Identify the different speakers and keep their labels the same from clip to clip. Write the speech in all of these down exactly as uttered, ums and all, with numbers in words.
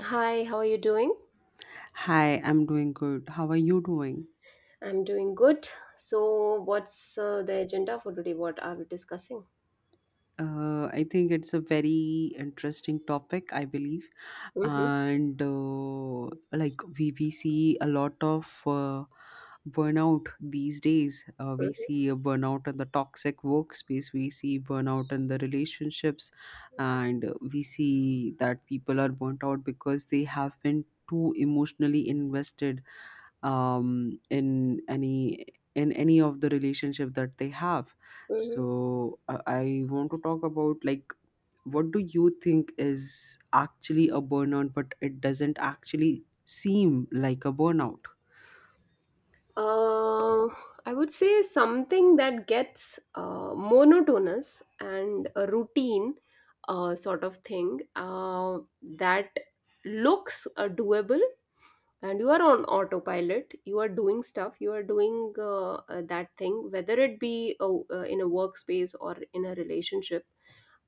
Speaker 1: Hi, how are you doing?
Speaker 2: Hi, I'm doing good. How are you doing?
Speaker 1: I'm doing good. So, what's uh, the agenda for today? What are we discussing?
Speaker 2: Uh, I think it's a very interesting topic, I believe.
Speaker 1: Mm-hmm,
Speaker 2: And uh, Like we, we see a lot of uh, burnout these days. Uh,
Speaker 1: mm-hmm,
Speaker 2: we see a burnout in the toxic workspace, we see burnout in the relationships, and uh, we see that people are burnt out because they have been too emotionally invested, um, in any in any of the relationship that they have. so
Speaker 1: mm-hmm.
Speaker 2: i I want to talk about, like, what do you think is actually a burnout but it doesn't actually seem like a burnout?
Speaker 1: Uh, I would say something that gets uh, monotonous and a routine uh, sort of thing uh, that looks uh, doable, and you are on autopilot. You are doing stuff. You are doing uh, uh, that thing, whether it be a, uh, in a workspace or in a relationship,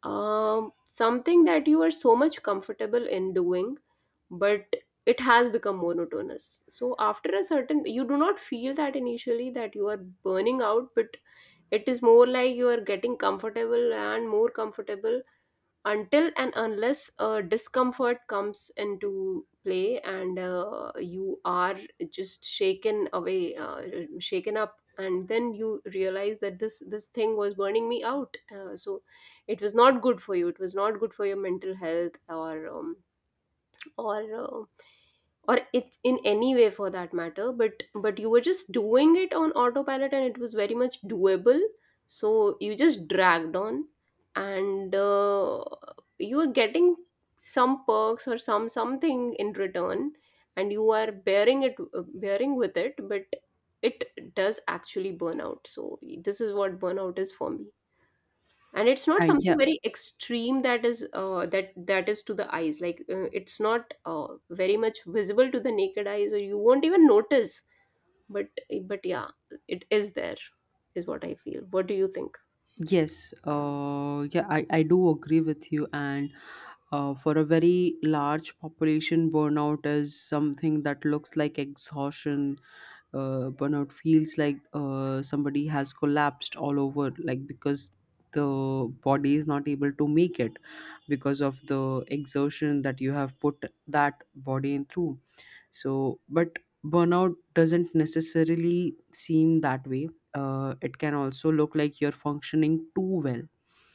Speaker 1: um, something that you are so much comfortable in doing, but it has become monotonous. So after a certain, you do not feel that initially that you are burning out, but it is more like you are getting comfortable and more comfortable until and unless uh, discomfort comes into play and uh, you are just shaken away, uh, shaken up, and then you realize that this this thing was burning me out, uh, so it was not good for you, it was not good for your mental health, or um, or uh, or it in any way for that matter, but but you were just doing it on autopilot and it was very much doable, so you just dragged on and uh, you were getting some perks or some something in return and you are bearing it, bearing with it, but it does actually burn out. So this is what burnout is for me, and it's not
Speaker 2: I,
Speaker 1: something
Speaker 2: yeah.
Speaker 1: very extreme that is uh, that that is to the eyes, like uh, it's not uh, very much visible to the naked eyes or you won't even notice, but but yeah, it is there, is what I feel. What do you think?
Speaker 2: Yes, uh yeah, I, I do agree with you, and uh, for a very large population burnout is something that looks like exhaustion. Uh, burnout feels like uh, somebody has collapsed all over, like, because the body is not able to make it because of the exertion that you have put that body in through. So, but burnout doesn't necessarily seem that way. Uh, it can also look like you're functioning too well.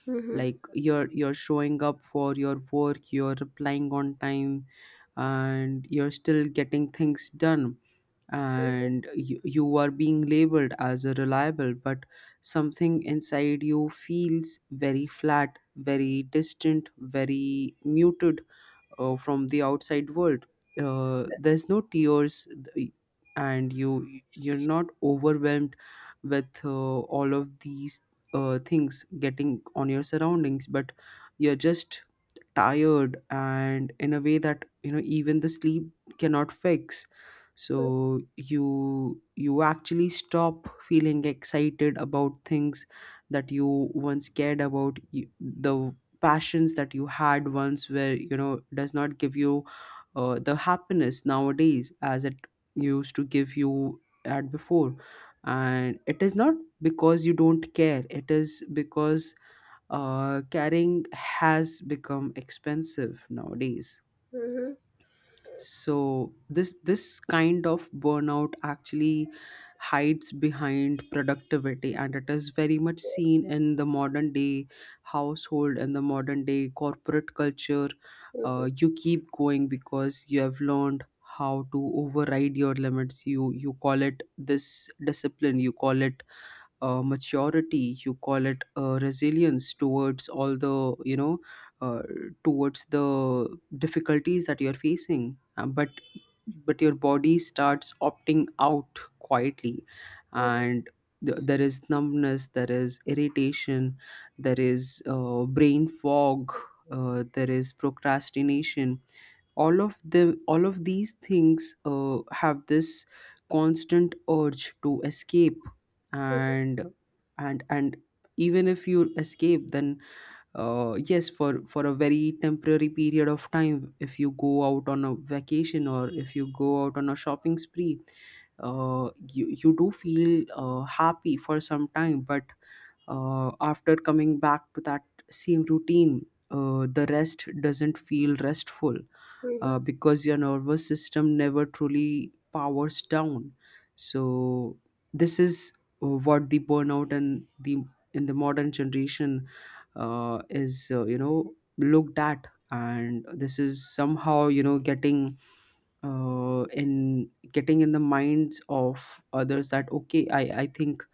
Speaker 1: Mhm.
Speaker 2: Like, you're you're showing up for your work, you're replying on time, and you're still getting things done. And you, you are being labeled as a reliable, but something inside you feels very flat, very distant, very muted uh, from the outside world. Uh, there's no tears, th- and you you're not overwhelmed with uh, all of these uh, things getting on your surroundings, but you're just tired, and in a way that, you know, even the sleep cannot fix. So you you actually stop feeling excited about things that you once cared about. You- the passions that you had once were, you know, does not give you uh, the happiness nowadays as it used to give you at before, and it is not because you don't care. It is because uh, carrying has become expensive nowadays.
Speaker 1: Mhm.
Speaker 2: So this this kind of burnout actually hides behind productivity, and it is very much seen in the modern day household and the modern day corporate culture. Uh,
Speaker 1: Mhm.
Speaker 2: you keep going because you have learned how to override your limits. You you call it this discipline, you call it uh, maturity, you call it uh, resilience towards all the, you know, uh, towards the difficulties that you're facing. Uh, but but your body starts opting out quietly,
Speaker 1: Mhm.
Speaker 2: and th- there is numbness, there is irritation, there is uh, brain fog, uh, there is procrastination. All of them all of these things uh, have this constant urge to escape.
Speaker 1: Mhm. Mhm.
Speaker 2: And and and even if you escape, then uh, yes, for for a very temporary period of time, if you go out on a vacation or if you go out on a shopping spree, uh, you you do feel uh, happy for some time, but uh, after coming back to that same routine, uh, the rest doesn't feel restful,
Speaker 1: Mhm.
Speaker 2: uh, because your nervous system never truly powers down. So this is uh, what the burnout and the in the modern generation uh, is, uh, you know, looked at, and this is somehow, you know, getting uh, in getting in the minds of others that, okay, i i think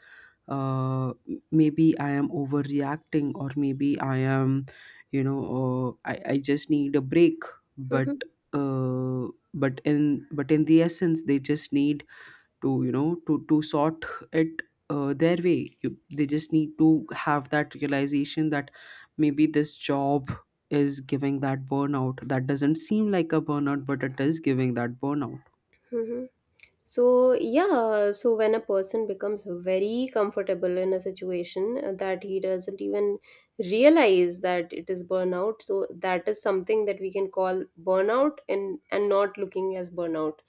Speaker 2: uh, m- maybe I am overreacting, or maybe I am, you know, uh, I, I just need a break. But
Speaker 1: Mhm.
Speaker 2: uh, but in but in the essence, they just need to, you know, to to sort it uh, their way. You, they just need to have that realization that maybe this job is giving that burnout that doesn't seem like a burnout, but it is giving that burnout.
Speaker 1: Mhm. So, yeah, so when a person becomes very comfortable in a situation uh, that he doesn't even realize that it is burnout, so that is something that we can call burnout and and not looking as burnout,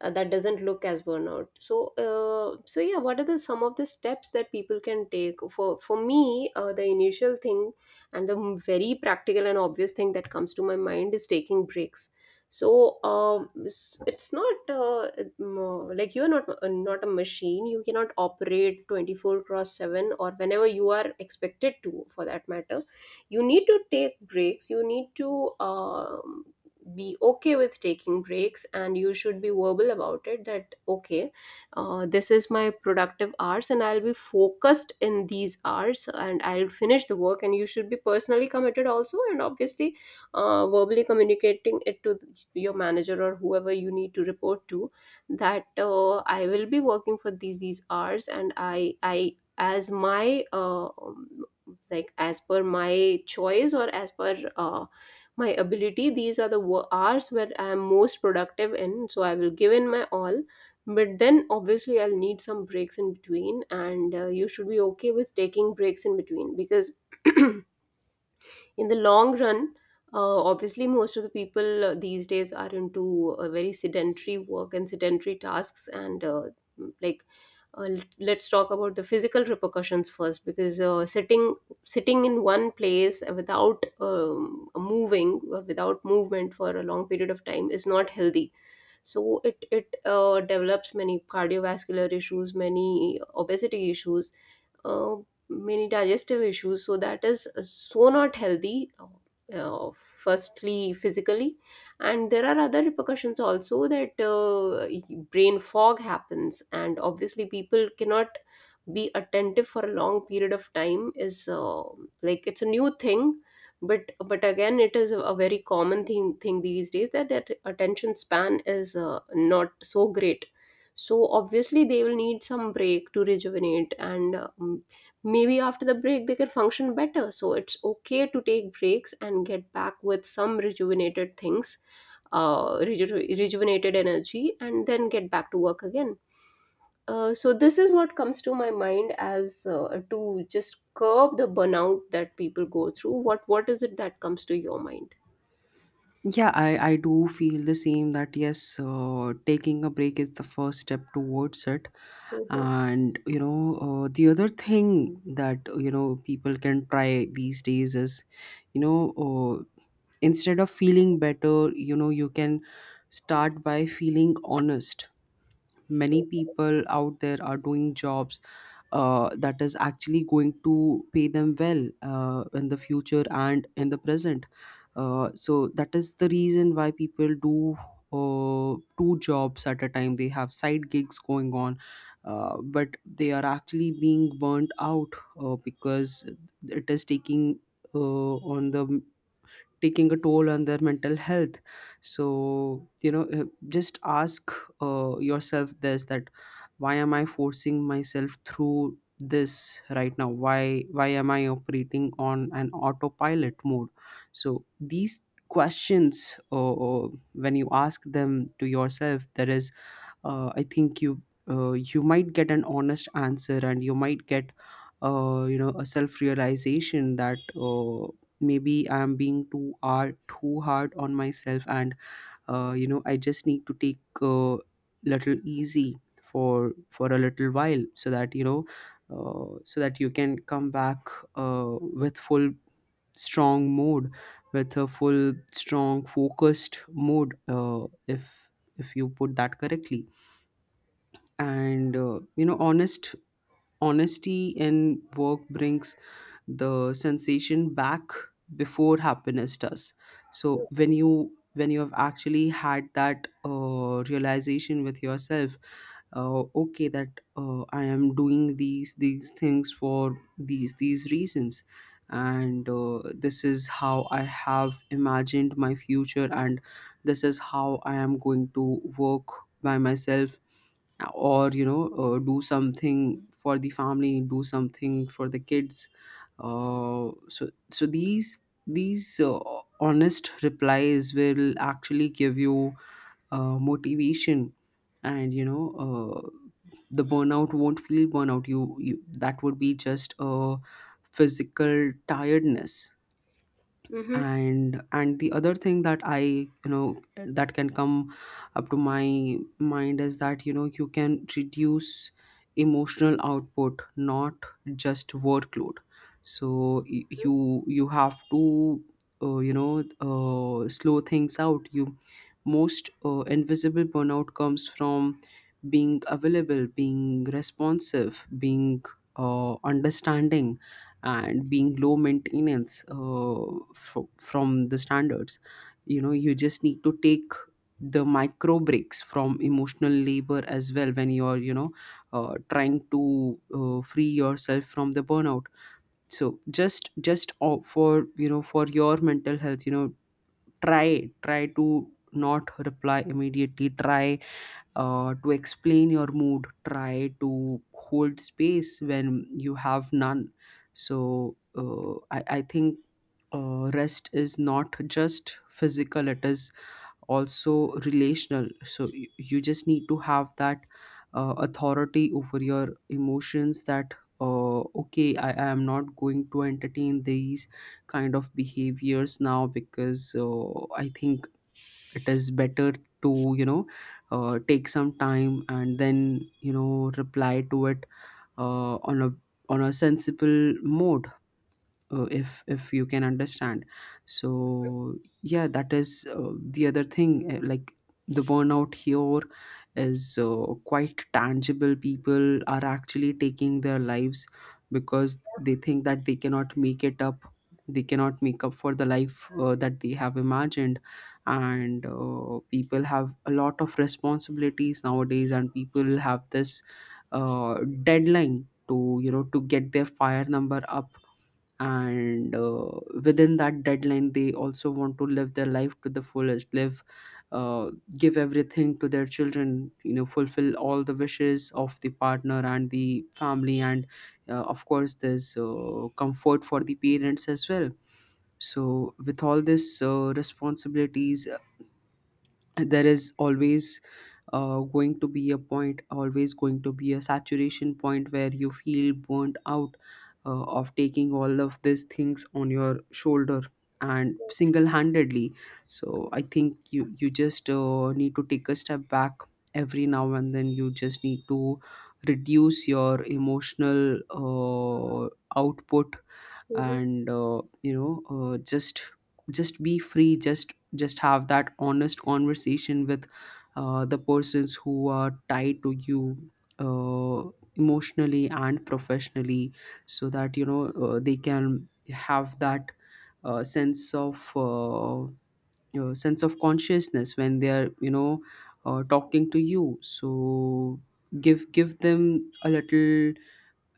Speaker 1: uh, that doesn't look as burnout. So uh, so yeah, what are the some of the steps that people can take? for for me, uh, the initial thing and the very practical and obvious thing that comes to my mind is taking breaks. So um, it's, it's not uh, mm, like you're not uh, not a machine. You cannot operate twenty-four cross seven or whenever you are expected to, for that matter. You need to take breaks. You need to um, be okay with taking breaks, and you should be verbal about it that okay, uh, this is my productive hours and I'll be focused in these hours and I'll finish the work, and you should be personally committed also, and obviously uh, verbally communicating it to th- your manager or whoever you need to report to, that uh, I will be working for these these hours, and i i as my uh, um, like as per my choice or as per uh, my ability, these are the wo- hours where I am most productive in, so I will give in my all. But then obviously I'll need some breaks in between, and uh, you should be okay with taking breaks in between, because in the long run, uh, obviously, most of the people uh, these days are into uh, very sedentary work and sedentary tasks. And uh, like, uh, l- let's talk about the physical repercussions first, because uh, sitting sitting in one place without um, moving or without movement for a long period of time is not healthy, so it it uh, develops many cardiovascular issues, many obesity issues, uh, many digestive issues. So that is so not healthy, uh, uh, firstly physically. And there are other repercussions also, that uh, brain fog happens, and obviously people cannot be attentive for a long period of time. Is uh, like it's a new thing, but but again it is a very common thing thing these days, that their attention span is uh, not so great. So obviously they will need some break to rejuvenate, and um, maybe after the break they can function better, so it's okay to take breaks and get back with some rejuvenated things, uh, reju- rejuvenated energy, and then get back to work again. Uh, so this is what comes to my mind as uh, to just curb the burnout that people go through. What what is it that comes to your mind?
Speaker 2: Yeah, I, I do feel the same, that yes, uh, taking a break is the first step towards it.
Speaker 1: Mhm.
Speaker 2: And you know, uh, the other thing that, you know, people can try these days is, you know, uh, instead of feeling better, you know, you can start by feeling honest. Many people out there are doing jobs uh, that is actually going to pay them well uh, in the future and in the present. Uh, so that is the reason why people do uh, two jobs at a time. They have side gigs going on, uh, but they are actually being burnt out, uh, because it is taking uh, on the taking a toll on their mental health. So, you know, uh, just ask uh, yourself this, that why am I forcing myself through this right now? Why why am I operating on an autopilot mode? So these questions, uh, uh, when you ask them to yourself, there is uh, I think you uh, you might get an honest answer, and you might get uh, you know, a self realization that uh, maybe I'm being too hard too hard on myself, and uh, you know, I just need to take a little easy for for a little while, so that you know, uh, so that you can come back uh, with full strong mode with a full strong focused mode, uh, if if you put that correctly, and uh, you know, honest honesty in work brings the sensation back before happiness does. So when you when you have actually had that uh, realization with yourself, uh, okay that uh, I am doing these these things for these these reasons, and uh, this is how I have imagined my future, and this is how I am going to work by myself, or you know, uh, do something for the family, do something for the kids. Uh, so so these these uh, Honest replies will actually give you uh, motivation, and you know, uh, the burnout won't feel burnout. You, you, that would be just a physical tiredness.
Speaker 1: Mm-hmm.
Speaker 2: And and the other thing that I, you know, that can come up to my mind is that, you know, you can reduce emotional output, not just workload. So y- you you have to uh, you know, uh, slow things out. You Most uh, invisible burnout comes from being available, being responsive, being uh, understanding, and being low maintenance uh, fro- from the standards. You know, you just need to take the micro breaks from emotional labor as well, when you're, you know, uh, trying to uh, free yourself from the burnout. So just just o- for you know, for your mental health, you know, try try to not reply immediately, try uh, to explain your mood, try to hold space when you have none. So uh, I, I think uh, rest is not just physical, it is also relational. So you, you just need to have that uh, authority over your emotions, that uh, okay, I, I am not going to entertain these kind of behaviors now, because uh, I think it is better to, you know, uh, take some time, and then, you know, reply to it uh, on a on a sensible mode, uh, if if you can understand. So yeah, that is uh, the other thing. Uh, like, the burnout here is uh, quite tangible. People are actually taking their lives because they think that they cannot make it up, they cannot make up for the life uh, that they have imagined. And uh, people have a lot of responsibilities nowadays, and people have this uh, deadline to, you know, to get their fire number up, and uh, within that deadline they also want to live their life to the fullest. Live uh, Give everything to their children, you know, fulfill all the wishes of the partner and the family, and uh, of course there's uh, comfort for the parents as well. So with all this uh, responsibilities, there is always uh, going to be a point, always going to be a saturation point where you feel burnt out uh, of taking all of these things on your shoulder, and single-handedly. So I think you you just uh, need to take a step back every now and then. You just need to reduce your emotional uh, output,
Speaker 1: Mhm.
Speaker 2: and uh, you know, uh, just just be free. Just just Have that honest conversation with uh, the persons who are tied to you uh, emotionally and professionally, so that you know, uh, they can have that uh, sense of uh, you know, sense of consciousness when they are, you know, uh, talking to you. So give give them a little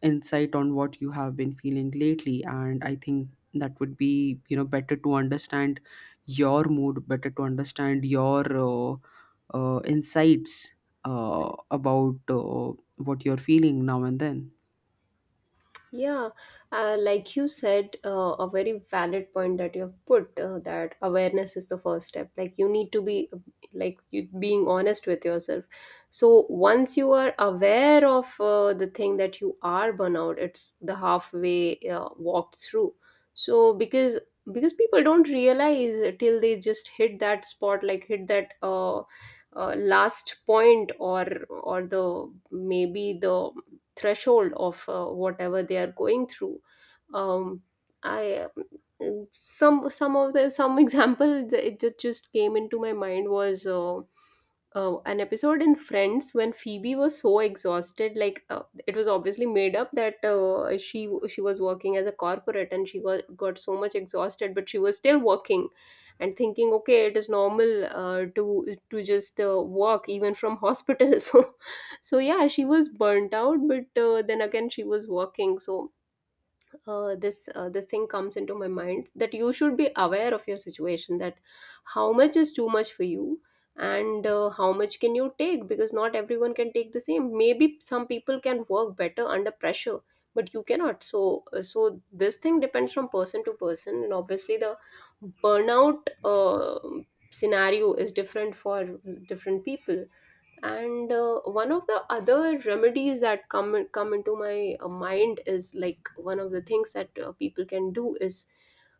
Speaker 2: insight on what you have been feeling lately, and I think that would be, you know, better to understand your mood, better to understand your uh, uh, insights uh, about uh, what you're feeling now and then.
Speaker 1: Yeah, uh, like you said, uh, a very valid point that you have put, uh, that awareness is the first step. Like you need to be, like you being honest with yourself. So once you are aware of uh, the thing that you are burnout, it's the halfway uh, walked through. So because because people don't realize till they just hit that spot, like hit that uh, uh, last point, or or the maybe the threshold of uh, whatever they are going through. Um, I um, some some of the some example that that just came into my mind was uh, uh, an episode in Friends when Phoebe was so exhausted. Like uh, it was obviously made up that uh, she she was working as a corporate and she got got so much exhausted, but she was still working and thinking, okay, it is normal uh, to to just uh, work even from hospital. So so yeah, she was burnt out, but uh, then again she was working. So uh, this uh, this thing comes into my mind, that you should be aware of your situation, that how much is too much for you and uh, how much can you take, because not everyone can take the same. Maybe some people can work better under pressure, but you cannot. So uh, so this thing depends from person to person, and obviously the burnout uh, scenario is different for different people. And uh, one of the other remedies that come come into my uh, mind is, like one of the things that uh, people can do is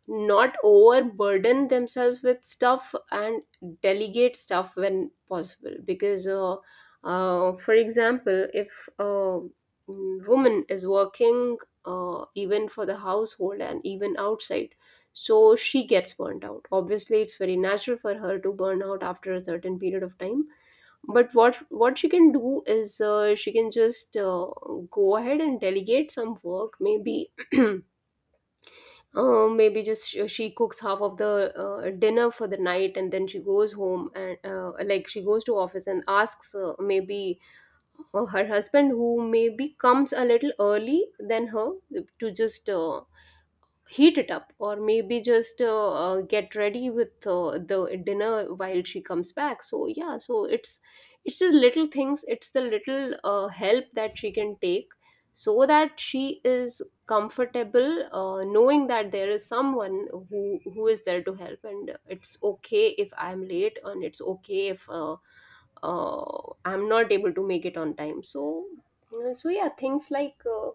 Speaker 1: not overburden themselves with stuff, and delegate stuff when possible. Because uh, uh, for example, if a woman is working uh, even for the household and even outside, so she gets burnt out. Obviously it's very natural for her to burn out after a certain period of time. But what what she can do is, uh, she can just uh, go ahead and delegate some work. Maybe uh, maybe just she, she cooks half of the uh, dinner for the night, and then she goes home and uh, like she goes to office and asks, uh, maybe uh, her husband who maybe comes a little early than her, to just uh, heat it up, or maybe just uh, uh, get ready with uh, the dinner while she comes back. So yeah, so it's it's the little things, it's the little uh, help that she can take, so that she is comfortable, uh, knowing that there is someone who who is there to help, and it's okay if I'm late, and it's okay if uh, uh, I'm not able to make it on time. So uh, so yeah, things like uh,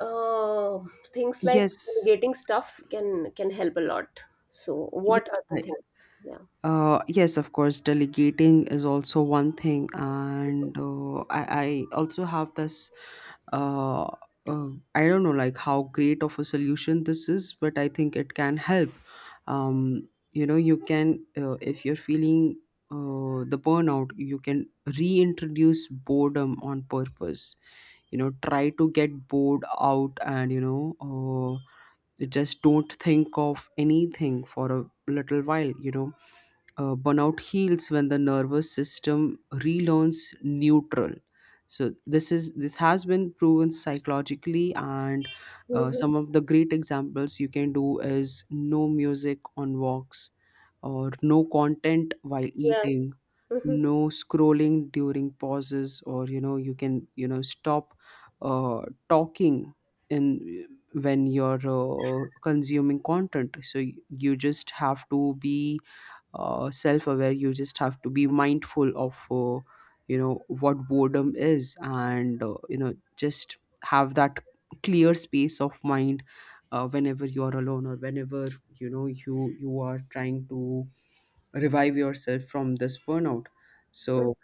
Speaker 1: uh, things like
Speaker 2: Yes.
Speaker 1: getting stuff can can help a lot. So
Speaker 2: Yes.
Speaker 1: what are the things? Yeah.
Speaker 2: Uh, yes, of course, delegating is also one thing, and uh, I, I also have this. Uh, uh, I don't know, like how great of a solution this is, but I think it can help. Um, you know, you can uh, if you're feeling uh, the burnout, you can reintroduce boredom on purpose. You know, try to get bored out, and you know, uh, just don't think of anything for a little while. You know uh, burnout heals when the nervous system relearns neutral. So this is this has been proven psychologically, and uh,
Speaker 1: Hmm.
Speaker 2: some of the great examples you can do is no music on walks or no content while
Speaker 1: Yeah.
Speaker 2: eating,
Speaker 1: Hmm.
Speaker 2: no scrolling during pauses, or you know you can, you know, stop uh, talking in when you're uh, consuming content. So y- you just have to be uh, self-aware. You just have to be mindful of uh, you know what boredom is, and uh, you know, just have that clear space of mind uh, whenever you are alone, or whenever you know you you are trying to revive yourself from this burnout. So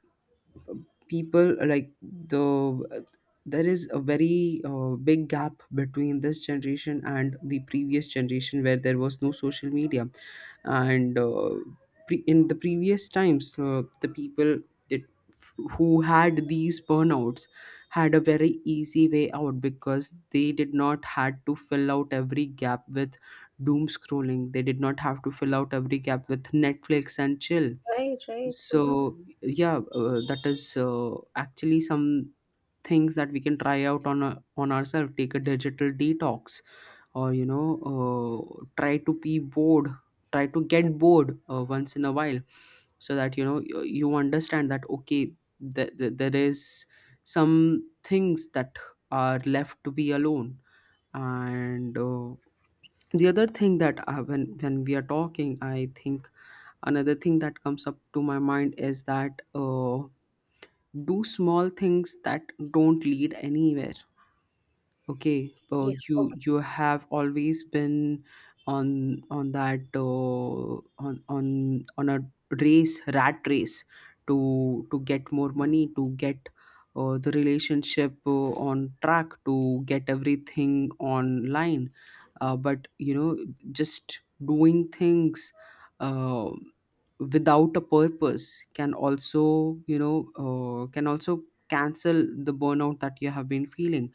Speaker 2: people like the, there is a very uh, big gap between this generation and the previous generation where there was no social media. And uh, pre- in the previous times, uh, the people that who had these burnouts had a very easy way out, because they did not had to fill out every gap with doom scrolling. They did not have to fill out every gap with Netflix and chill.
Speaker 1: Right, right.
Speaker 2: So
Speaker 1: Hmm.
Speaker 2: yeah, uh, that is uh, actually some things that we can try out on uh, on ourselves. Take a digital detox, or you know, uh, try to be bored, try to get bored uh, once in a while, so that you know you, you understand that, okay, th- th- there is some things that are left to be alone. And uh, the other thing that uh, when when we are talking, I think another thing that comes up to my mind is that uh, do small things that don't lead anywhere. Okay, uh,
Speaker 1: Yeah,
Speaker 2: you
Speaker 1: okay.
Speaker 2: you have always been on on that, uh, on on on a race, rat race to to get more money, to get uh, the relationship uh, on track, to get everything online. Uh, but you know, just doing things, uh, without a purpose can also, you know, uh, can also cancel the burnout that you have been feeling.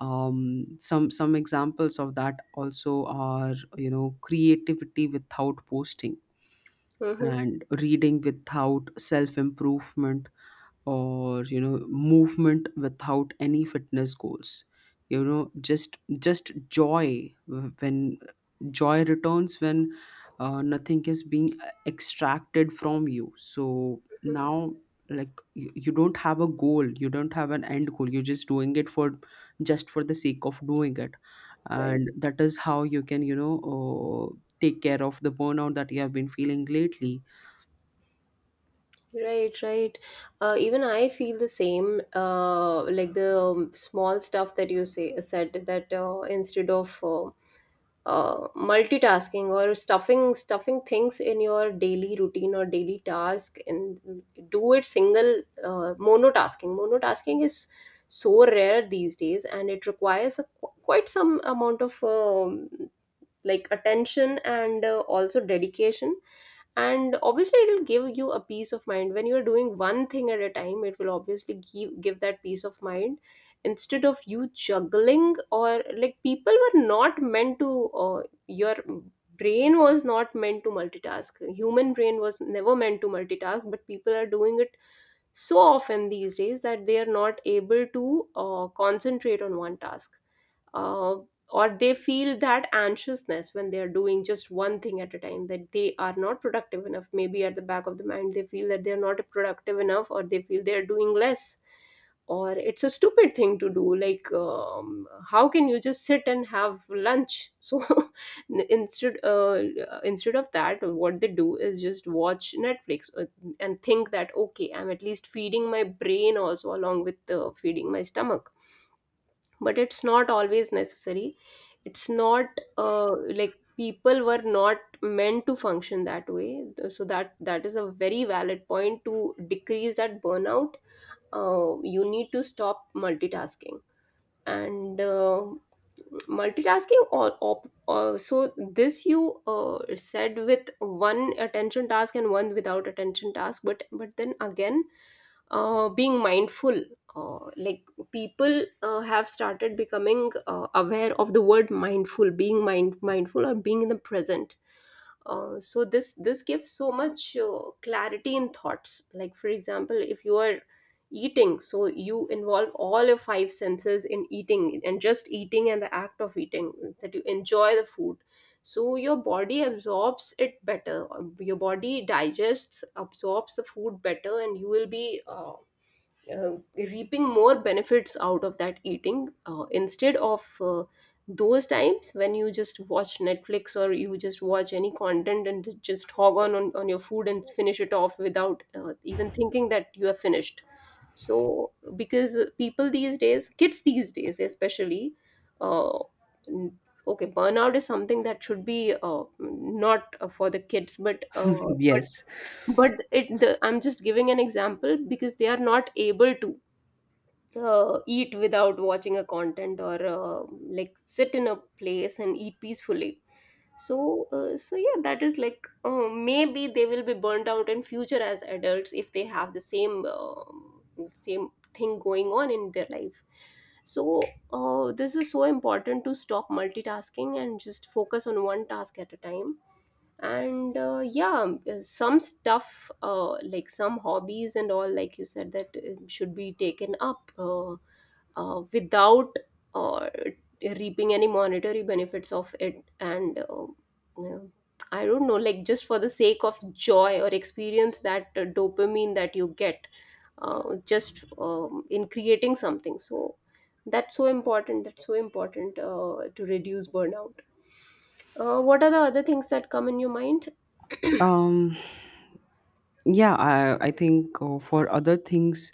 Speaker 2: um, some some examples of that also are, you know, creativity without posting,
Speaker 1: Hmm.
Speaker 2: and reading without self improvement, or you know, movement without any fitness goals. You know, just just joy when joy returns, when uh, nothing is being uh, extracted from you. So now, like, you, you don't have a goal, you don't have an end goal, you're just doing it for, just for the sake of doing it.
Speaker 1: Right.
Speaker 2: And that is how you can, you know, uh, take care of the burnout that you have been feeling lately.
Speaker 1: Right, right. Uh, even I feel the same, uh, like the, um, small stuff that you say said, that uh, instead of uh, uh, multitasking, or stuffing stuffing things in your daily routine or daily task, and do it single, uh, monotasking monotasking is so rare these days, and it requires a, qu- quite some amount of um, like attention, and uh, also dedication. And obviously it will give you a peace of mind. When you're doing one thing at a time, it will obviously give, give that peace of mind, instead of you juggling. Or like people were not meant to, uh, your brain was not meant to multitask. Human brain was never meant to multitask, but people are doing it so often these days that they are not able to uh, concentrate on one task. Uh, or they feel that anxiousness when they are doing just one thing at a time, that they are not productive enough. Maybe at the back of the mind they feel that they are not productive enough, or they feel they are doing less, or it's a stupid thing to do. Like um, how can you just sit and have lunch? So n- instead, uh, instead of that, what they do is just watch Netflix, uh, and think that, okay, I'm at least feeding my brain also, along with uh, feeding my stomach. But it's not always necessary. It's not uh, like, people were not meant to function that way. So that that is a very valid point, to decrease that burnout, uh, you need to stop multitasking. And uh, multitasking, or, op- or so this you uh, said, with one attention task and one without attention task but but then again uh, being mindful. Uh, like people uh, have started becoming uh, aware of the word mindful, being mind mindful or being in the present. Uh, so this this gives so much uh, clarity in thoughts. Like for example, if you are eating, so you involve all your five senses in eating and just eating and the act of eating that you enjoy the food, so your body absorbs it better. Um, your body digests absorbs the food better and you will be uh, uh, reaping more benefits out of that eating uh, instead of uh, those times when you just watch netflix or you just watch any content and just hog on on, on your food and finish it off without uh, even thinking that you have finished. So because people these days, kids these days especially, uh, n- okay, burnout is something that should be uh, not uh, for the kids, but uh, but
Speaker 2: Yes.
Speaker 1: but it the, I'm just giving an example because they are not able to uh, eat without watching a content, or uh, like sit in a place and eat peacefully. So uh, so yeah, that is like, uh, maybe they will be burnt out in future as adults if they have the same um same thing going on in their life. So uh, this is so important to stop multitasking and just focus on one task at a time. And uh, yeah, some stuff, uh, like some hobbies and all, like you said that uh, should be taken up uh, uh, without uh, reaping any monetary benefits of it. And uh, yeah, I don't know, like just for the sake of joy or experience, that uh, dopamine that you get uh, just um, in creating something. So that's so important, that's so important uh, to reduce burnout. Uh, what are the other things that come in your mind?
Speaker 2: um Yeah, I, I think uh, for other things,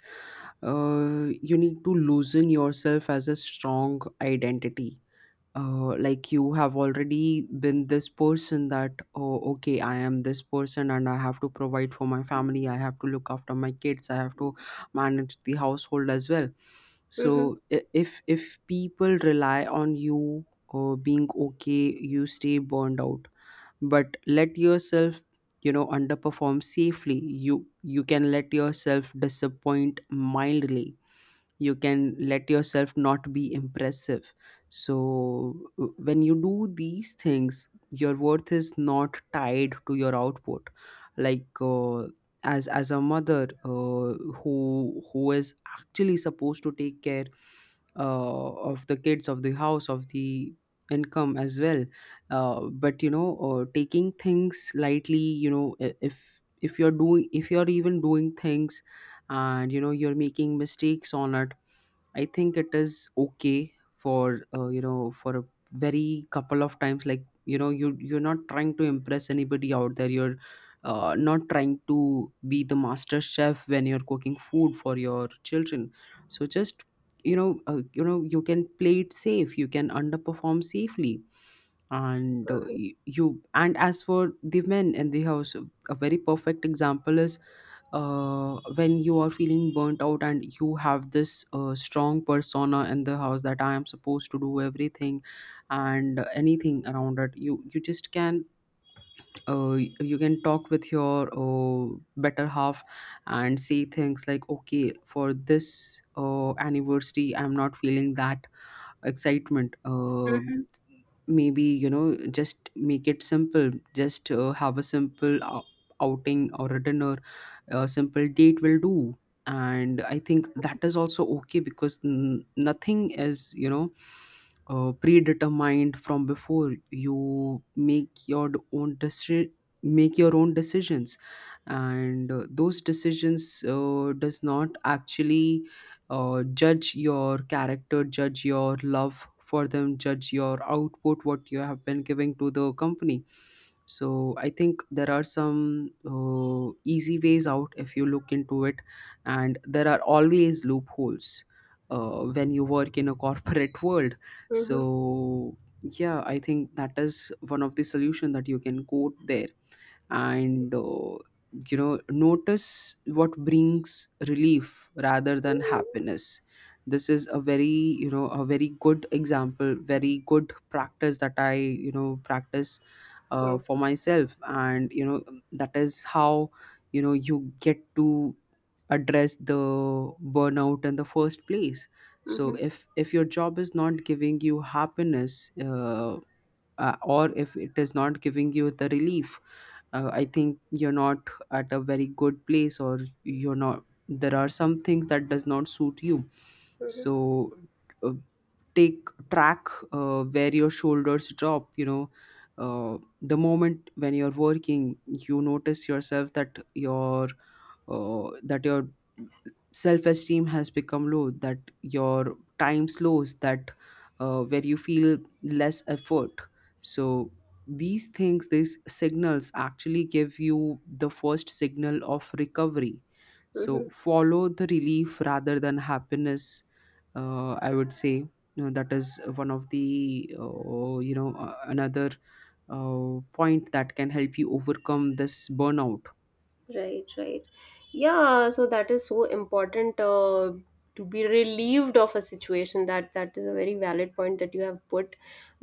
Speaker 2: uh, you need to loosen yourself as a strong identity. Uh, like you have already been this person that, oh, okay, I am this person, and I have to provide for my family, I have to look after my kids, I have to manage the household as well.
Speaker 1: Mm-hmm.
Speaker 2: So i- if if people rely on you uh, being okay, you stay burned out. But let yourself, you know, underperform safely. You you can let yourself disappoint mildly, you can let yourself not be impressive. So w- when you do these things, your worth is not tied to your output. Like uh, as as a mother, uh, who who is actually supposed to take care uh, of the kids, of the house, of the income as well. Uh, but you know, uh, taking things lightly, you know, i- if if you're doing, if you're even doing things, and you know you're making mistakes on it, I think it is okay for, uh, you know, for a very couple of times. Like, you know, you you're not trying to impress anybody out there, you're uh, not trying to be the master chef when you're cooking food for your children. So just, you know, uh, you know, you can play it safe, you can underperform safely. And uh, y- you, and as for the men in the house, a very perfect example is, uh, when you are feeling burnt out and you have this uh, strong persona in the house that I am supposed to do everything and anything around it, you you just can, uh, you can talk with your uh, better half and say things like, okay, for this uh, anniversary, I'm not feeling that excitement. Uh, maybe, you know, just make it simple, just uh, have a simple ou- outing or a dinner. A simple date will do. And I think that is also okay, because n- nothing is, you know, uh, predetermined from before. You make your own decision, make your own decisions. And uh, those decisions uh, does not actually uh, judge your character, judge your love for them, judge your output, what you have been giving to the company. So I think there are some uh, easy ways out if you look into it, and there are always loopholes uh, when you work in a corporate world. So
Speaker 1: Mm-hmm.
Speaker 2: yeah, I think that is one of the solution that you can go there. And uh, you know, notice what brings relief rather than
Speaker 1: Mm-hmm.
Speaker 2: happiness. This is a very, you know, a very good example, very good practice that I, you know, practice uh, for myself. And you know, that is how, you know, you get to address the burnout in the first place. So
Speaker 1: Mm-hmm.
Speaker 2: if if your job is not giving you happiness, uh, uh, or if it is not giving you the relief, uh, I think you're not at a very good place, or you're not, there are some things that does not suit you. So, uh, take track uh, where your shoulders drop, you know, uh, the moment when you're working, you notice yourself that your, uh, that your self-esteem has become low, that your time slows, that uh, where you feel less effort. So these things, these signals actually give you the first signal of recovery. So
Speaker 1: Mm-hmm.
Speaker 2: follow the relief rather than happiness. uh, I would say, you know, that is one of the, uh, you know uh, another uh, point that can help you overcome this burnout.
Speaker 1: Right, right. Yeah, so that is so important uh, to be relieved of a situation. That that is a very valid point that you have put,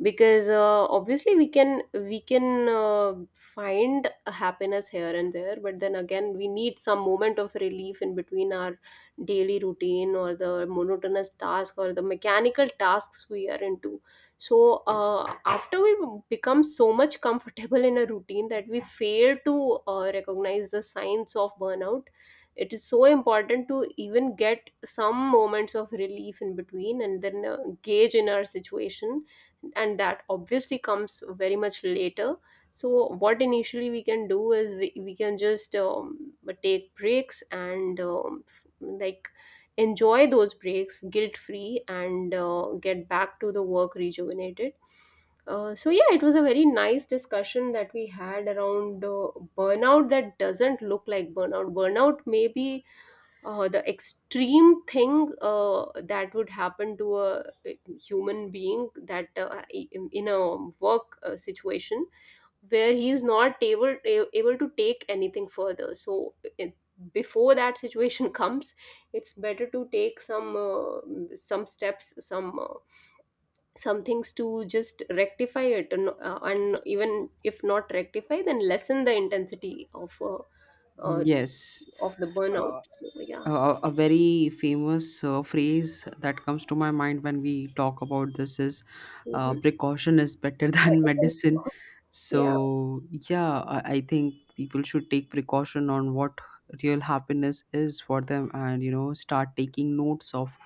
Speaker 1: because uh, obviously we can we can uh, find happiness here and there, but then again we need some moment of relief in between our daily routine, or the monotonous task or the mechanical tasks we are into. So uh, after we become so much comfortable in a routine that we fail to uh, recognize the signs of burnout, it is so important to even get some moments of relief in between and then uh, gauge in our situation. And that obviously comes very much later. So what initially we can do is we, we can just um, take breaks and um, like enjoy those breaks guilt free and uh, get back to the work rejuvenated. Uh, so, yeah, it was a very nice discussion that we had around uh, burnout that doesn't look like burnout. Burnout may be uh, the extreme thing uh, that would happen to a uh, human being that uh, in a work uh, situation where he is not able a- able to take anything further. So it, before that situation comes, it's better to take some uh, some steps, some uh, some things to just rectify it, and uh, and even if not rectify, then lessen the intensity of uh, uh,
Speaker 2: Yes.
Speaker 1: of the
Speaker 2: uh,
Speaker 1: burnout. So yeah.
Speaker 2: uh, a a very famous uh, phrase that comes to my mind when we talk about this is, uh,
Speaker 1: Mhm.
Speaker 2: precaution is better than
Speaker 1: But-
Speaker 2: medicine.
Speaker 1: yeah.
Speaker 2: So, yeah, I, I think people should take precaution on what real happiness is for them, and, you know, start taking notes of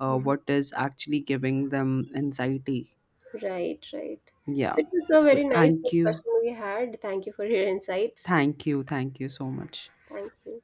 Speaker 2: uh,
Speaker 1: Mhm.
Speaker 2: what is actually giving them anxiety.
Speaker 1: Right, right. So
Speaker 2: Yeah.
Speaker 1: it was a
Speaker 2: So,
Speaker 1: very nice
Speaker 2: thank you.
Speaker 1: discussion we had. Thank you for your insights.
Speaker 2: Thank you. Thank you so much.
Speaker 1: Thank you.